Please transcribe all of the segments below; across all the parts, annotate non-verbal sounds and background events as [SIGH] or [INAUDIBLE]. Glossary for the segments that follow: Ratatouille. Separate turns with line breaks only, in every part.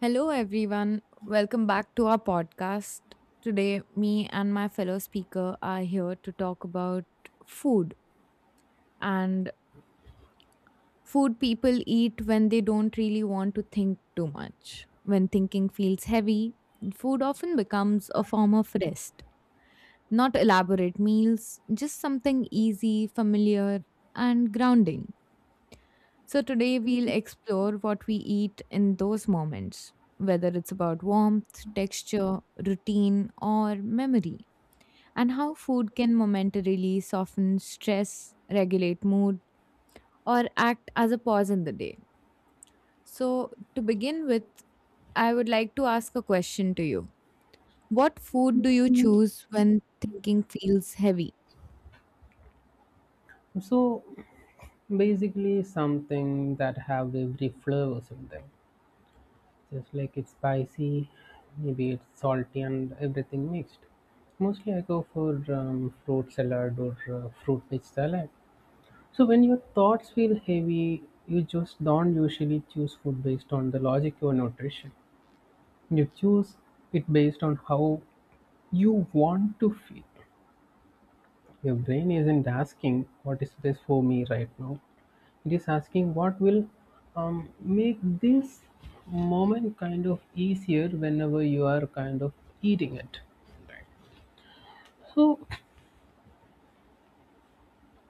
Hello, everyone. Welcome back to our podcast. Today, me and my fellow speaker are here to talk about food and food people eat when they don't really want to think too much. When thinking feels heavy, food often becomes a form of rest. Not elaborate meals, just something easy, familiar, and grounding. So today we'll explore what we eat in those moments, whether it's about warmth, texture, routine, or memory, and how food can momentarily soften stress, regulate mood, or act as a pause in the day. So, to begin with, I would like to ask a question to you. What food do you choose when thinking feels heavy?
So basically something that have every flavors in them. Just like it's spicy, maybe it's salty and everything mixed. Mostly I go for fruit salad or fruit veg salad. So when your thoughts feel heavy, you just don't usually choose food based on the logic or nutrition. You choose it based on how you want to feel. Your brain isn't asking what is this for me right now. It is asking what will make this moment kind of easier whenever you are kind of eating it. So,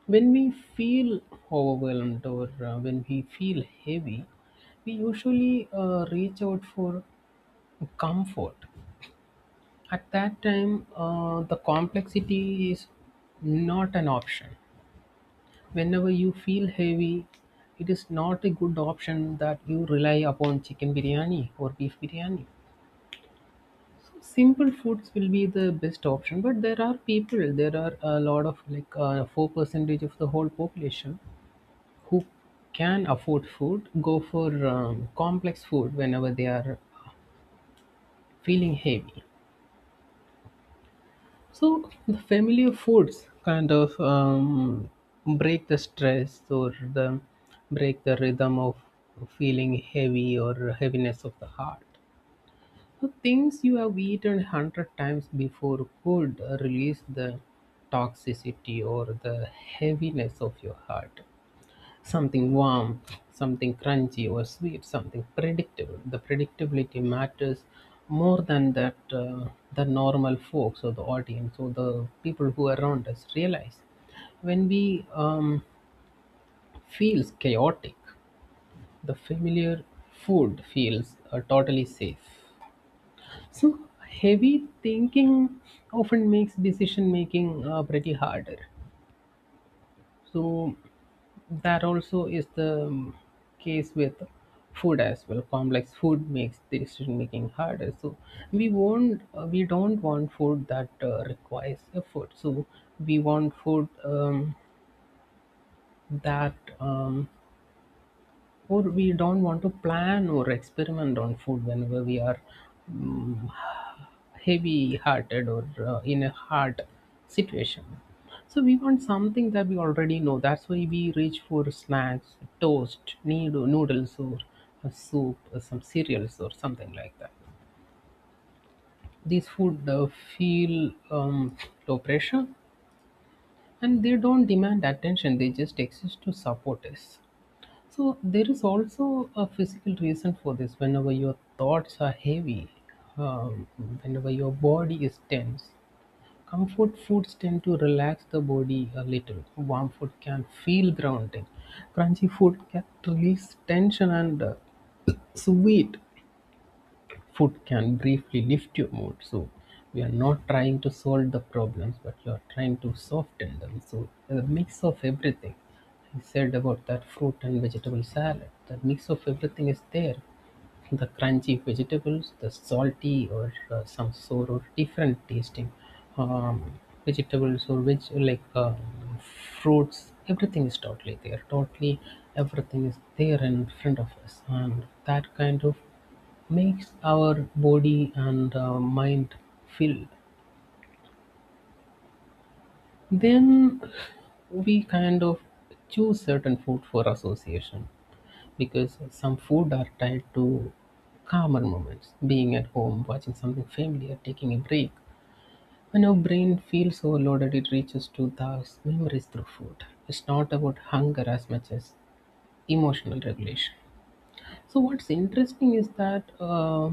when we feel overwhelmed or when we feel heavy, we usually reach out for comfort. At that time, the complexity is not an option. Whenever you feel heavy, it is not a good option that you rely upon chicken biryani or beef biryani. Simple foods will be the best option, but there are people, there are a lot of like 4 percentage of the whole population who can afford food, go for complex food whenever they are feeling heavy. So the familiar foods kind of break the stress or the break the rhythm of feeling heavy or heaviness of the heart. So, things you have eaten 100 times before could release the toxicity or the heaviness of your heart. Something warm, something crunchy or sweet, something predictable. The predictability matters more than that, the normal folks or the audience or the people who are around us realize. When we feels chaotic, the familiar food feels totally safe. So, heavy thinking often makes decision making pretty harder. So, that also is the case with food as well. Complex food makes decision making harder. So, we don't want food that requires effort. So, we want food that or we don't want to plan or experiment on food whenever we are mm, heavy hearted or in a hard situation. So we want something that we already know. That's why we reach for snacks, toast needle, noodles or a soup or some cereals or something like that. These food feel low pressure, and they don't demand attention. They just exist to support us. So there is also a physical reason for this. Whenever your thoughts are heavy, um, whenever your body is tense, comfort foods tend to relax the body a little. Warm food can feel grounding. Crunchy food can release tension, and [CLEARS THROAT] sweet food can briefly lift your mood. So we are not trying to solve the problems, but you are trying to soften them. So a mix of everything. I said about that fruit and vegetable salad. That mix of everything is there. The crunchy vegetables, the salty or some sort of different tasting um, vegetables, or which like fruits, everything is totally there. Totally everything is there in front of us, and that kind of makes our body and mind filled. Then we kind of choose certain food for association, because some food are tied to calmer moments, being at home, watching something familiar, taking a break. When your brain feels overloaded, it reaches to those memories through food. It's not about hunger as much as emotional regulation. So what's interesting is that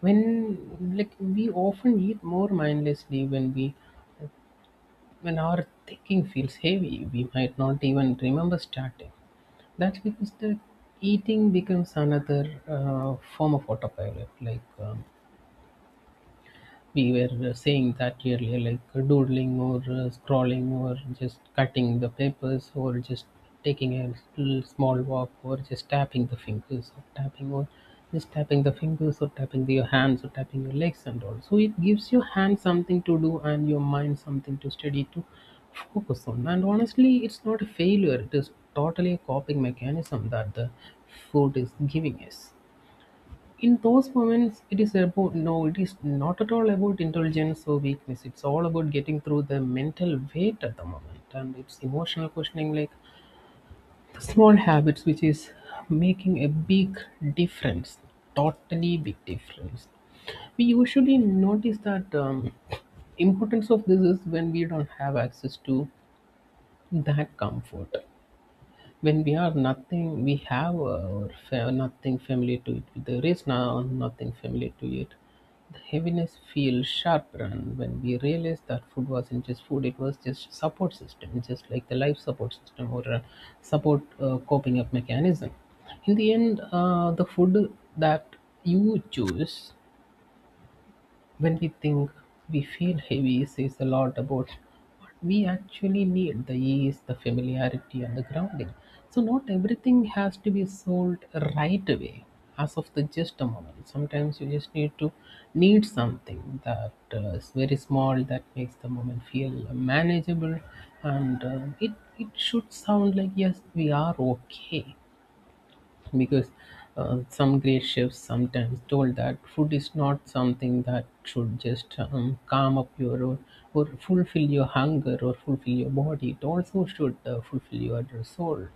when, like, we often eat more mindlessly when we when our thinking feels heavy, we might not even remember starting. That's because the eating becomes another form of autopilot. Like we were saying that earlier, like doodling or scrolling or just cutting the papers or just taking a little small walk or just tapping the fingers or tapping or just tapping the fingers or tapping the, your hands or tapping your legs and all. So it gives your hand something to do and your mind something to study to focus on. And honestly, it's not a failure. It is totally a coping mechanism that the food is giving us in those moments. It is about, no, it is not at all about intelligence or weakness. It's all about getting through the mental weight at the moment, and it's emotional questioning, like the small habits which is making a big difference, totally big difference. We usually notice that importance of this is when we don't have access to that comfort. When we are nothing, we have nothing familiar to it, there is now nothing familiar to it. The heaviness feels sharper, and when we realize that food wasn't just food, it was just support system, just like the life support system or a support coping up mechanism. In the end, the food that you choose when we think we feel heavy says a lot about what we actually need: the ease, the familiarity, and the grounding. So, not everything has to be sold right away as of the just a moment. Sometimes you just need to need something that is very small, that makes the moment feel manageable, and it, it should sound like, yes, we are okay. Because some great chefs sometimes told that food is not something that should just calm up your or fulfill your hunger or fulfill your body, it also should fulfill your soul.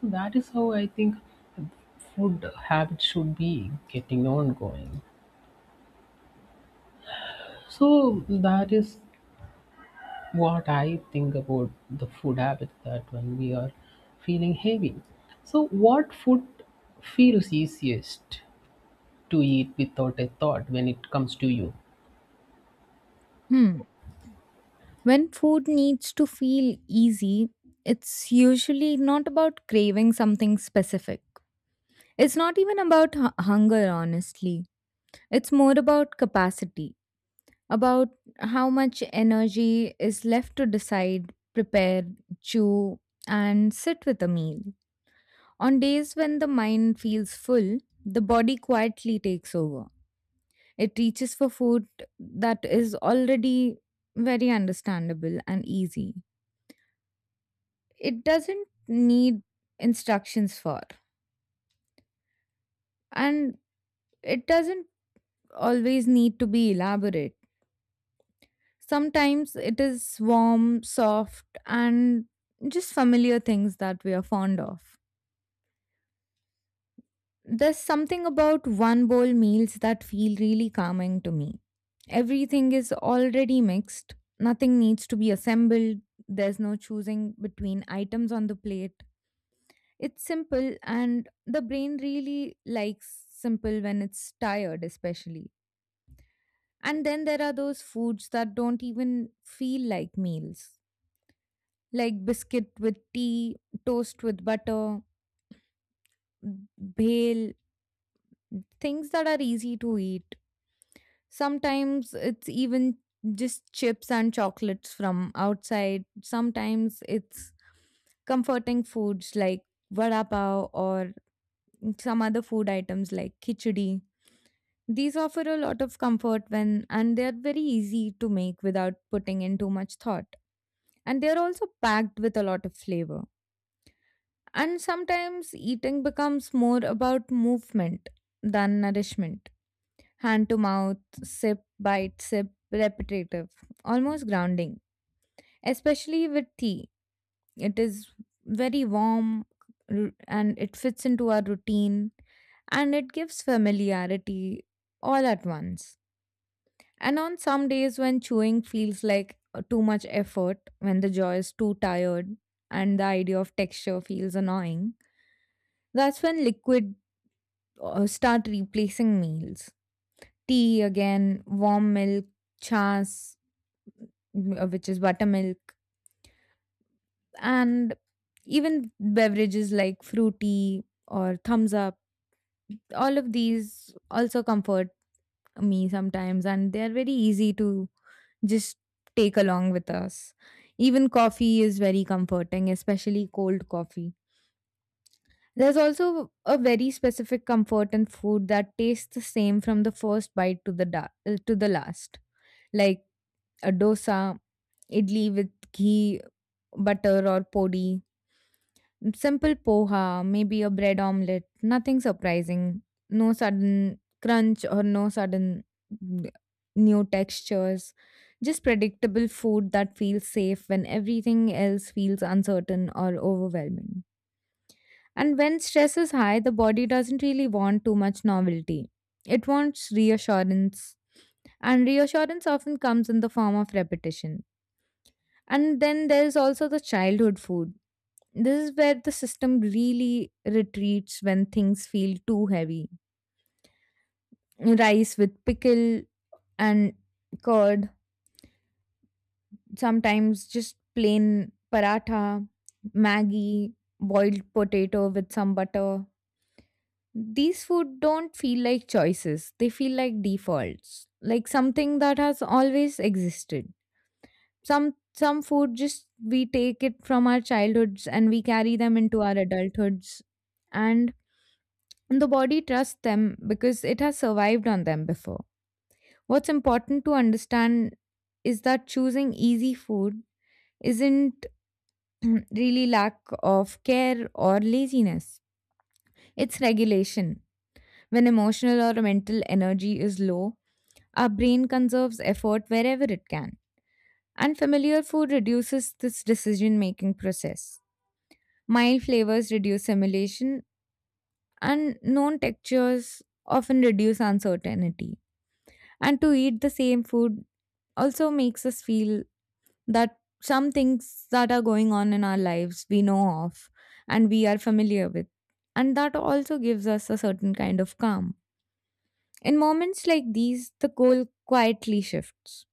So that is how I think food habit should be getting ongoing. So that is what I think about the food habit, that when we are feeling heavy. So what food feels easiest to eat without a thought when it comes to you.
Hmm. When food needs to feel easy, it's usually not about craving something specific. It's not even about hunger, honestly. It's more about capacity, about how much energy is left to decide, prepare, chew, and sit with a meal. On days when the mind feels full, the body quietly takes over. It reaches for food that is already very understandable and easy. It doesn't need instructions for, and it doesn't always need to be elaborate. Sometimes it is warm, soft, and just familiar things that we are fond of. There's something about one bowl meals that feel really calming to me. Everything is already mixed, nothing needs to be assembled. There's no choosing between items on the plate. It's simple, and the brain really likes simple when it's tired, especially. And then there are those foods that don't even feel like meals, like biscuit with tea, toast with butter, bhel, things that are easy to eat. Sometimes it's even just chips and chocolates from outside. Sometimes it's comforting foods like vada pav or some other food items like khichdi. These offer a lot of comfort, when and they're very easy to make without putting in too much thought. And they're also packed with a lot of flavor. And sometimes eating becomes more about movement than nourishment. Hand to mouth, sip, bite, sip, repetitive, almost grounding. Especially with tea, it is very warm and it fits into our routine, and it gives familiarity all at once. And on some days when chewing feels like too much effort, when the jaw is too tired and the idea of texture feels annoying, that's when liquid start replacing meals. Tea again, warm milk, chas, which is buttermilk, and even beverages like fruity or thumbs up. All of these also comfort me sometimes, and they are very easy to just take along with us. Even coffee is very comforting, especially cold coffee. There's also a very specific comfort in food that tastes the same from the first bite to the to the last. Like a dosa, idli with ghee, butter, or podi. Simple poha, maybe a bread omelette, nothing surprising. No sudden crunch or no sudden mm, new textures. Just predictable food that feels safe when everything else feels uncertain or overwhelming. And when stress is high, the body doesn't really want too much novelty. It wants reassurance. And reassurance often comes in the form of repetition. And then there's also the childhood food. This is where the system really retreats when things feel too heavy. Rice with pickle and curd, sometimes just plain paratha, Maggi, boiled potato with some butter. These food don't feel like choices, they feel like defaults, like something that has always existed. Some food, just we take it from our childhoods and we carry them into our adulthoods, and And the body trusts them because it has survived on them before. What's important to understand is that choosing easy food isn't [CLEARS THROAT] really lack of care or laziness, it's regulation. When emotional or mental energy is low, our brain conserves effort wherever it can. And familiar food reduces this decision making process. Mild flavors reduce simulation, and known textures often reduce uncertainty. And to eat the same food also makes us feel that some things that are going on in our lives we know of and we are familiar with. And that also gives us a certain kind of calm. In moments like these, the goal quietly shifts.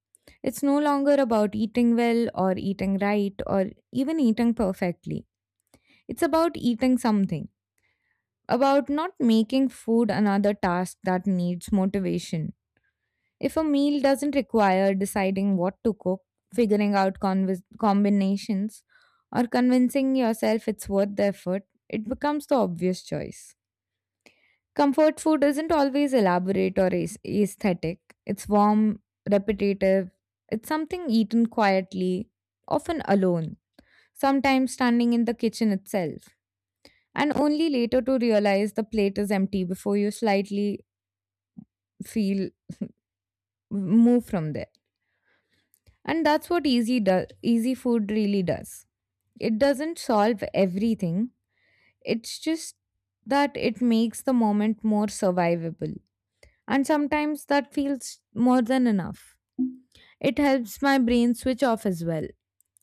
It's no longer about eating well or eating right or even eating perfectly. It's about eating something, about not making food another task that needs motivation. If a meal doesn't require deciding what to cook, figuring out combinations, or convincing yourself it's worth the effort, it becomes the obvious choice. Comfort food isn't always elaborate or aesthetic, it's warm, repetitive, it's something eaten quietly, often alone, sometimes standing in the kitchen itself, and only later to realize the plate is empty before you slightly feel move from there. And that's what easy does, easy food really does. It doesn't solve everything, it's just that it makes the moment more survivable, and sometimes that feels more than enough. It helps my brain switch off as well.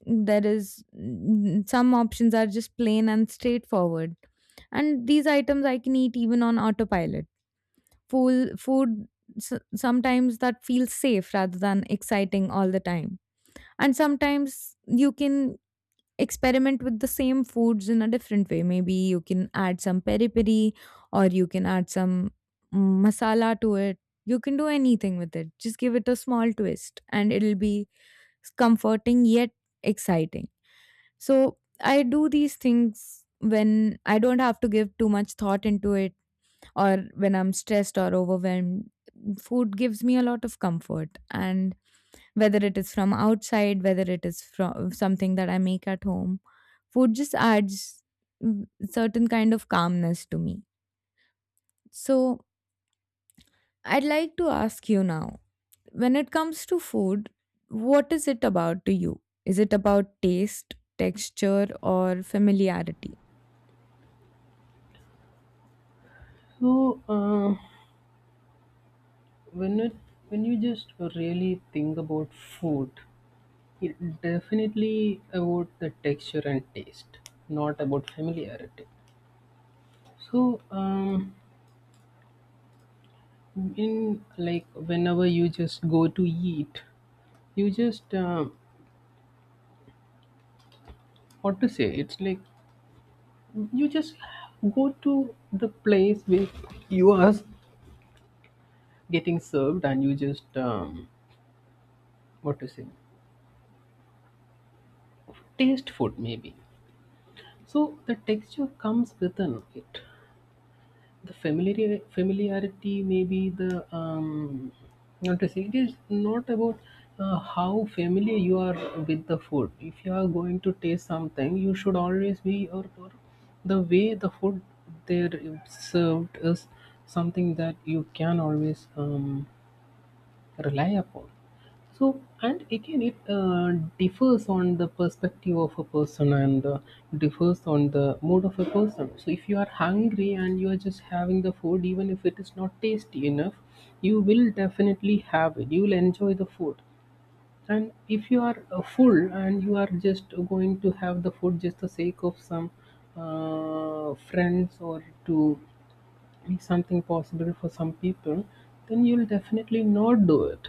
There is some options are just plain and straightforward, and these items I can eat even on autopilot. Food sometimes that feels safe rather than exciting all the time. And sometimes you can experiment with the same foods in a different way. Maybe you can add some peri peri, or you can add some masala to it. You can do anything with it, just give it a small twist, and it'll be comforting yet exciting. So I do these things when I don't have to give too much thought into it, or when I'm stressed or overwhelmed. Food gives me a lot of comfort, and whether it is from outside, whether it is from something that I make at home. Food just adds certain kind of calmness to me. So I'd like to ask you now, when it comes to food, what is it about to you? Is it about taste, texture, or familiarity?
So when it when you just really think about food, it definitely about the texture and taste, not about familiarity. So in like whenever you just go to eat, you just what to say? It's like you just go to the place where you are getting served, and you just what to say? Taste food, maybe. So the texture comes within it. The familiarity maybe the um not to say it is not about how familiar you are with the food. If you are going to taste something, you should always be or the way the food there is served is something that you can always reliable. So, and again, it differs on the perspective of a person, and differs on the mood of a person. So, if you are hungry and you are just having the food, even if it is not tasty enough, you will definitely have it. You will enjoy the food. And if you are full and you are just going to have the food just the sake of some friends or to is something possible for some people, then you'll definitely not do it,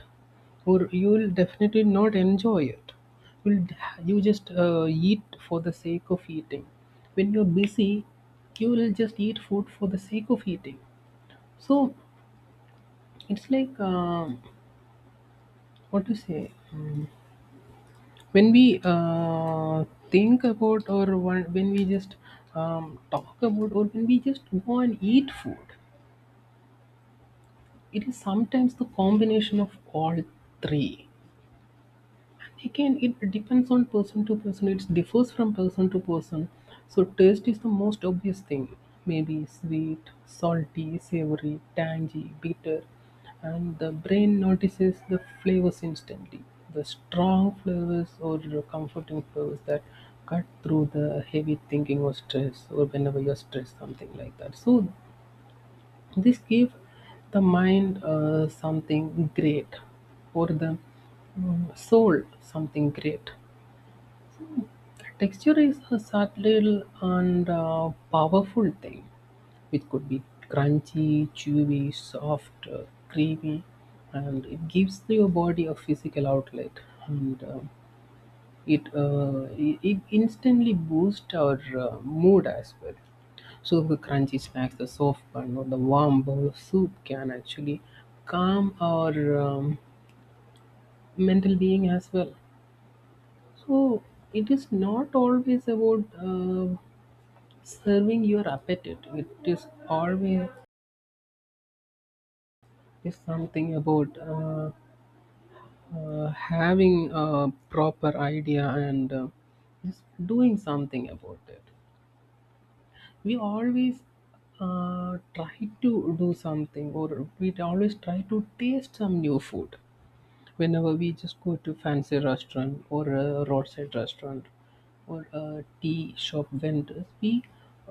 or you'll definitely not enjoy it. You'll you just eat for the sake of eating. When you're busy, you will just eat food for the sake of eating. So it's like what to say. When we think about or when we just talk about or when we just go and eat food, it is sometimes the combination of all three. Again, it depends on person to person. It differs from person to person. So taste is the most obvious thing. Maybe sweet, salty, savory, tangy, bitter, and the brain notices the flavors instantly. The strong flavors or the comforting flavors that cut through the heavy thinking or stress, or whenever you're stressed, something like that. So this gives the mind something great or the soul something great. Texture is a subtle and powerful thing, which could be crunchy, chewy, soft, creamy, and it gives your body a physical outlet. And it instantly boosts our mood as well. So the crunchy snacks, the soft bun, or the warm bowl of soup can actually calm our mental being as well. So it is not always about serving your appetite. It is always is something about having a proper idea and just doing something about it. We always try to do something, or we always try to taste some new food whenever we just go to fancy restaurant or a roadside restaurant or a tea shop vendors. We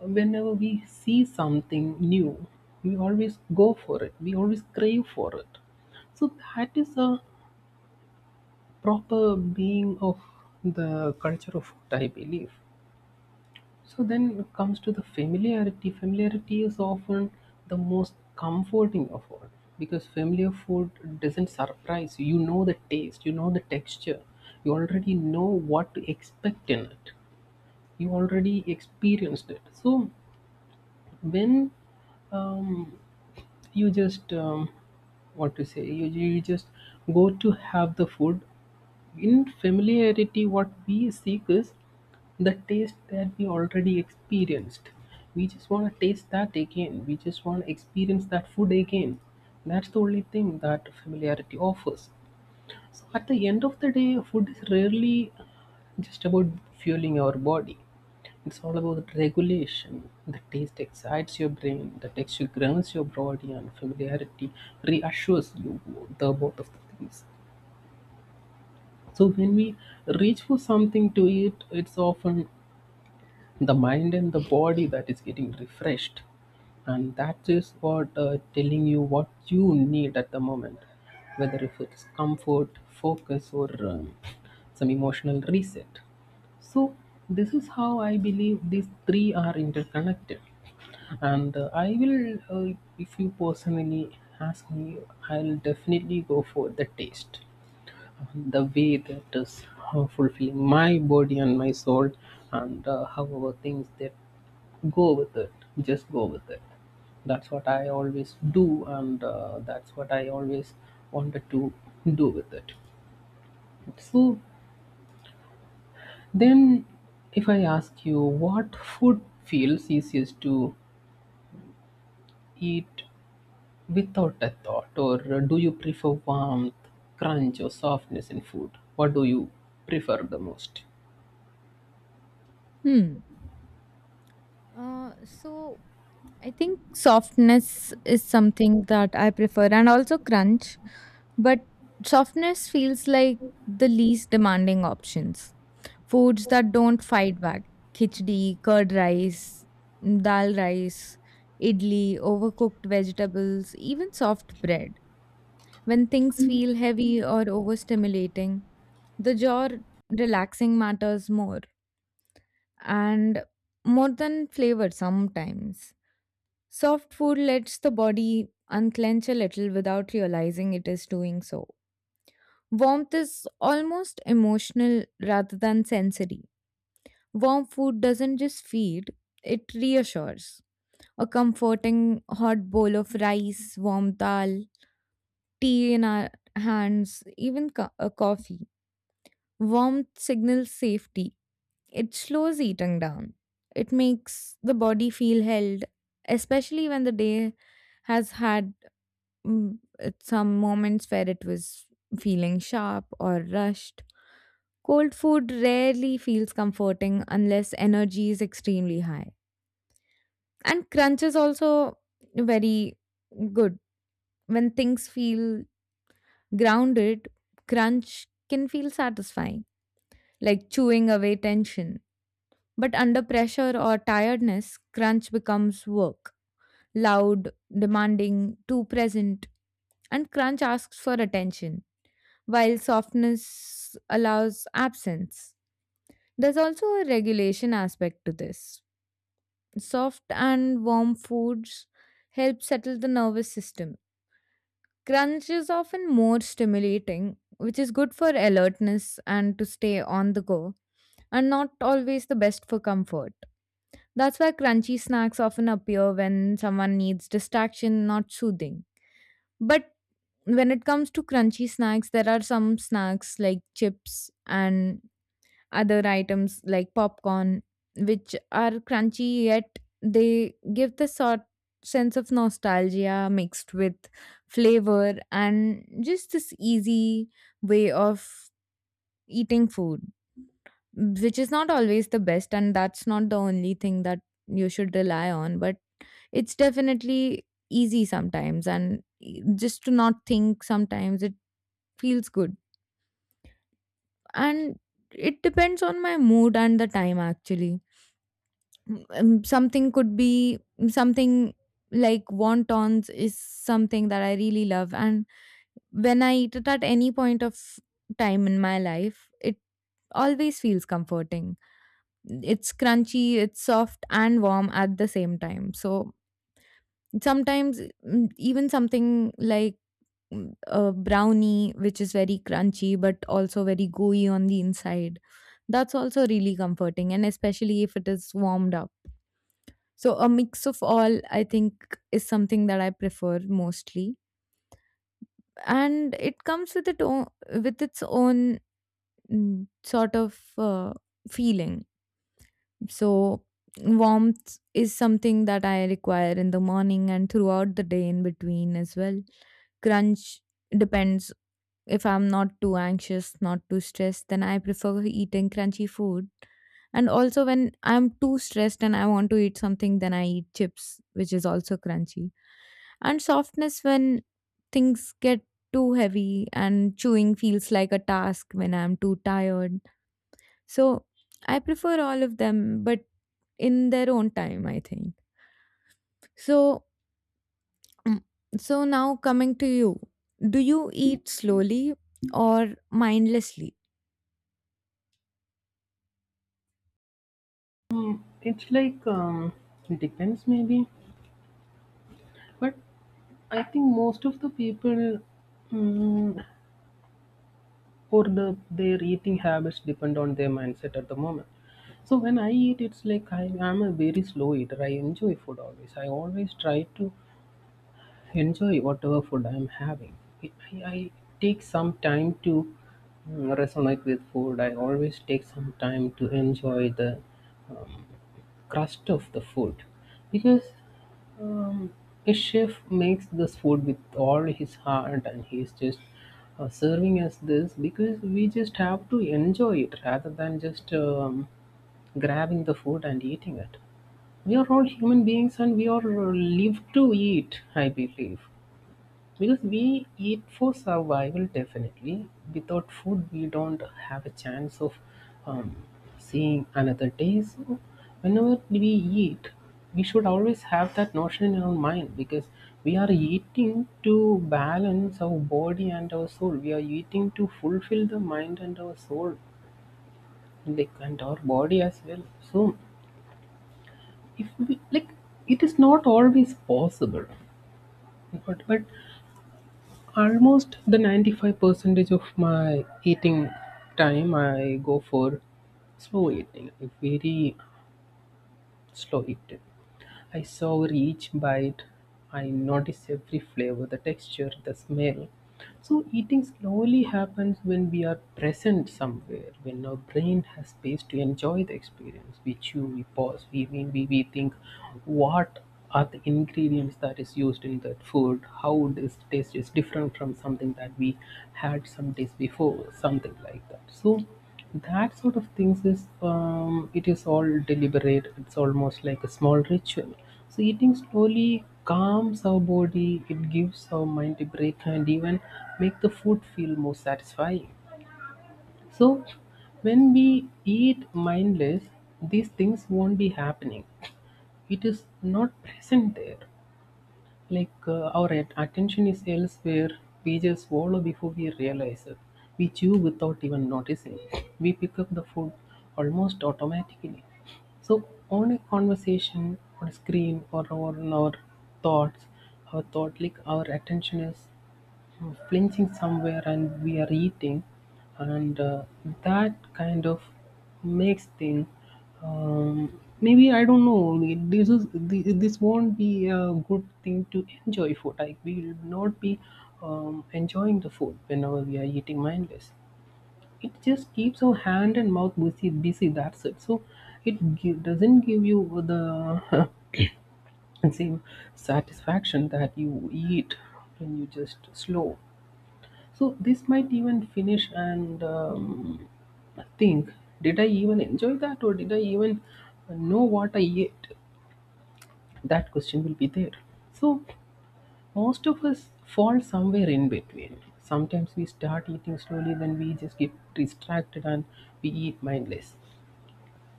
whenever we see something new, we always go for it, we always crave for it. So that is a proper being of the culture of food, I believe. So then it comes to the familiarity. Familiarity is often the most comforting of all, because familiar food doesn't surprise you. You know the taste, you know the texture, you already know what to expect in it, you already experienced it. So when um, you just what to say you, you just go to have the food in familiarity. What we seek is the taste that we already experienced. We just want to taste that again, we just want to experience that food again. That's the only thing that familiarity offers. So at the end of the day, food is rarely just about fueling our body. It's all about regulation. The taste excites your brain, the texture grounds your body, and familiarity reassures you the both of the things. So when we reach for something to eat, it's often the mind and the body that is getting refreshed, and that is what telling you what you need at the moment, whether if it's comfort focus or some emotional reset. So this is how I believe these three are interconnected. And I will, if you personally ask me, I'll definitely go for the taste, the way that is fulfilling my body and my soul. And however things that go with it, just go with it. That's what I always do, and that's what I always wanted to do with it. So then, if I ask you, what food feels easiest to eat without a thought? Or do you prefer warmth, crunch, or softness in food? What do you prefer the most?
Hmm. So, I think softness is something that I prefer, and also crunch, but softness feels like the least demanding options. Foods that don't fight back: khichdi, curd rice, dal rice, idli, overcooked vegetables, even soft bread. When things feel heavy or overstimulating, the jaw relaxing matters more and more than flavor sometimes. Soft food lets the body unclench a little without realizing it is doing so. Warmth is almost emotional rather than sensory. Warm food doesn't just feed, it reassures. A comforting hot bowl of rice, warm dal, tea in our hands, even a coffee. Warmth signals safety. It slows eating down. It makes the body feel held, especially when the day has had at some moments where it was feeling sharp or rushed. Cold food rarely feels comforting unless energy is extremely high. And crunch is also very good. When things feel grounded, crunch can feel satisfying, like chewing away tension. But under pressure or tiredness, crunch becomes work, loud, demanding, too present, and crunch asks for attention while softness allows absence. There's also a regulation aspect to this. Soft and warm foods help settle the nervous system. Crunch is often more stimulating, which is good for alertness and to stay on the go, and not always the best for comfort. That's why crunchy snacks often appear when someone needs distraction, not soothing. But when it comes to crunchy snacks, there are some snacks like chips and other items like popcorn, which are crunchy yet they give the sort sense of nostalgia mixed with flavor and just this easy way of eating food, which is not always the best, and that's not the only thing that you should rely on, but it's definitely easy sometimes, and just to not think sometimes it feels good. And it depends on my mood and the time actually. Something could be something like wontons is something that I really love. And when I eat it at any point of time in my life, it always feels comforting. It's crunchy, it's soft and warm at the same time. So sometimes even something like a brownie, which is very crunchy but also very gooey on the inside, that's also really comforting. And especially if it is warmed up. So a mix of all, I think, is something that I prefer mostly, and it comes with it own with its own mm, sort of uh, feeling. So warmth is something that I require in the morning and throughout the day in between as well. Crunch depends: if I'm not too anxious, not too stressed, then I prefer eating crunchy food. And also when I'm too stressed and I want to eat something, then I eat chips, which is also crunchy, and softness when things get too heavy and chewing feels like a task when I'm too tired. So I prefer all of them, but in their own time, I think. So, mm, so now coming to you, do you eat slowly or mindlessly?
It's like, it depends maybe, but I think most of the people, mm, or their eating habits depend on their mindset at the moment. So when I eat, it's like I am a very slow eater. I enjoy food always. I always try to enjoy whatever food I'm having. I, I take some time to resonate with food. I always take some time to enjoy the um, crust of the food, because um, a chef makes this food with all his heart, and he's just serving us this because we just have to enjoy it rather than just grabbing the food and eating it. We are all human beings and we are live to eat, I believe. Because we eat for survival, definitely. Without food, we don't have a chance of um, seeing another day. So whenever we eat, we should always have that notion in our mind, because we are eating to balance our body and our soul. We are eating to fulfill the mind and our soul, like, and our body as well. So if we like, it is not always possible, but almost the 95 percentage of my eating time I go for slow eating. Very slow eating. I savor each bite. I notice every flavor, the texture, the smell. So, eating slowly happens when we are present somewhere, when our brain has space to enjoy the experience. We chew, we pause, we think what are the ingredients that is used in that food, how this taste is different from something that we had some days before, something like that. So, that sort of things is, it is all deliberate. It's almost like a small ritual. So eating slowly calms our body. It gives our mind a break and even make the food feel more satisfying. So when we eat mindless, these things won't be happening. It is not present there. Like, our attention is elsewhere. We just swallow before we realize it. We chew without even noticing. We pick up the food almost automatically. So on a conversation, on a screen, or on our thoughts, our thought, like, our attention is flinching somewhere and we are eating. And that kind of makes thing, maybe I don't know, this won't be a good thing to enjoy food. Like, we will not be enjoying the food whenever we are eating mindless. It just keeps our hand and mouth busy, that's it. So it doesn't give you the [LAUGHS] same satisfaction that you eat when you just slow. So this might even finish and, think, did I even enjoy that, or did I even know what I ate? That question will be there. So most of us fall somewhere in between. Sometimes we start eating slowly, then we just get distracted and we eat mindless.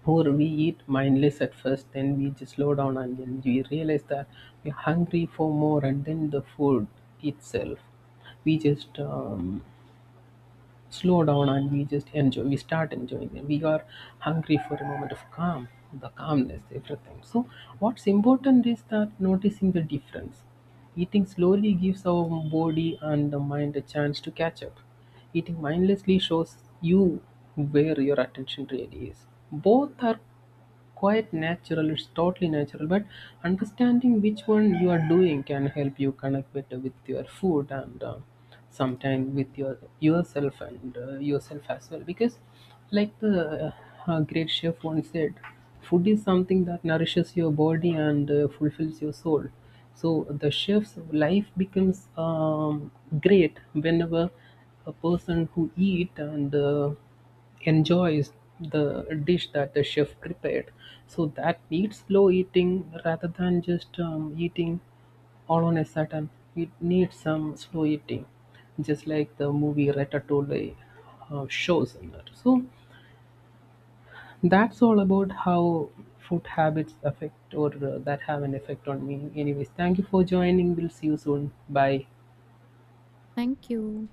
Or we eat mindless at first, then we just slow down, and then we realize that we're hungry for more, and then the food itself, we just slow down and we just enjoy, we start enjoying it. We are hungry for a moment of calm, the calmness, everything. So what's important is that noticing the difference. Eating slowly gives our body and the mind a chance to catch up. Eating mindlessly shows you where your attention really is. Both are quite natural. It's totally natural. But understanding which one you are doing can help you connect better with your food, and sometimes with your yourself, and yourself as well. Because like, the great chef once said, food is something that nourishes your body and fulfills your soul. So the chef's life becomes great whenever a person who eat and enjoy is the dish that the chef prepared. So that needs slow eating rather than just eating all on a sudden. It needs some slow eating, just like the movie Ratatouille shows in that. So that's all about how food habits affect, or that have an effect on me. Anyways, thank you for joining. We'll see you soon. Bye.
Thank you.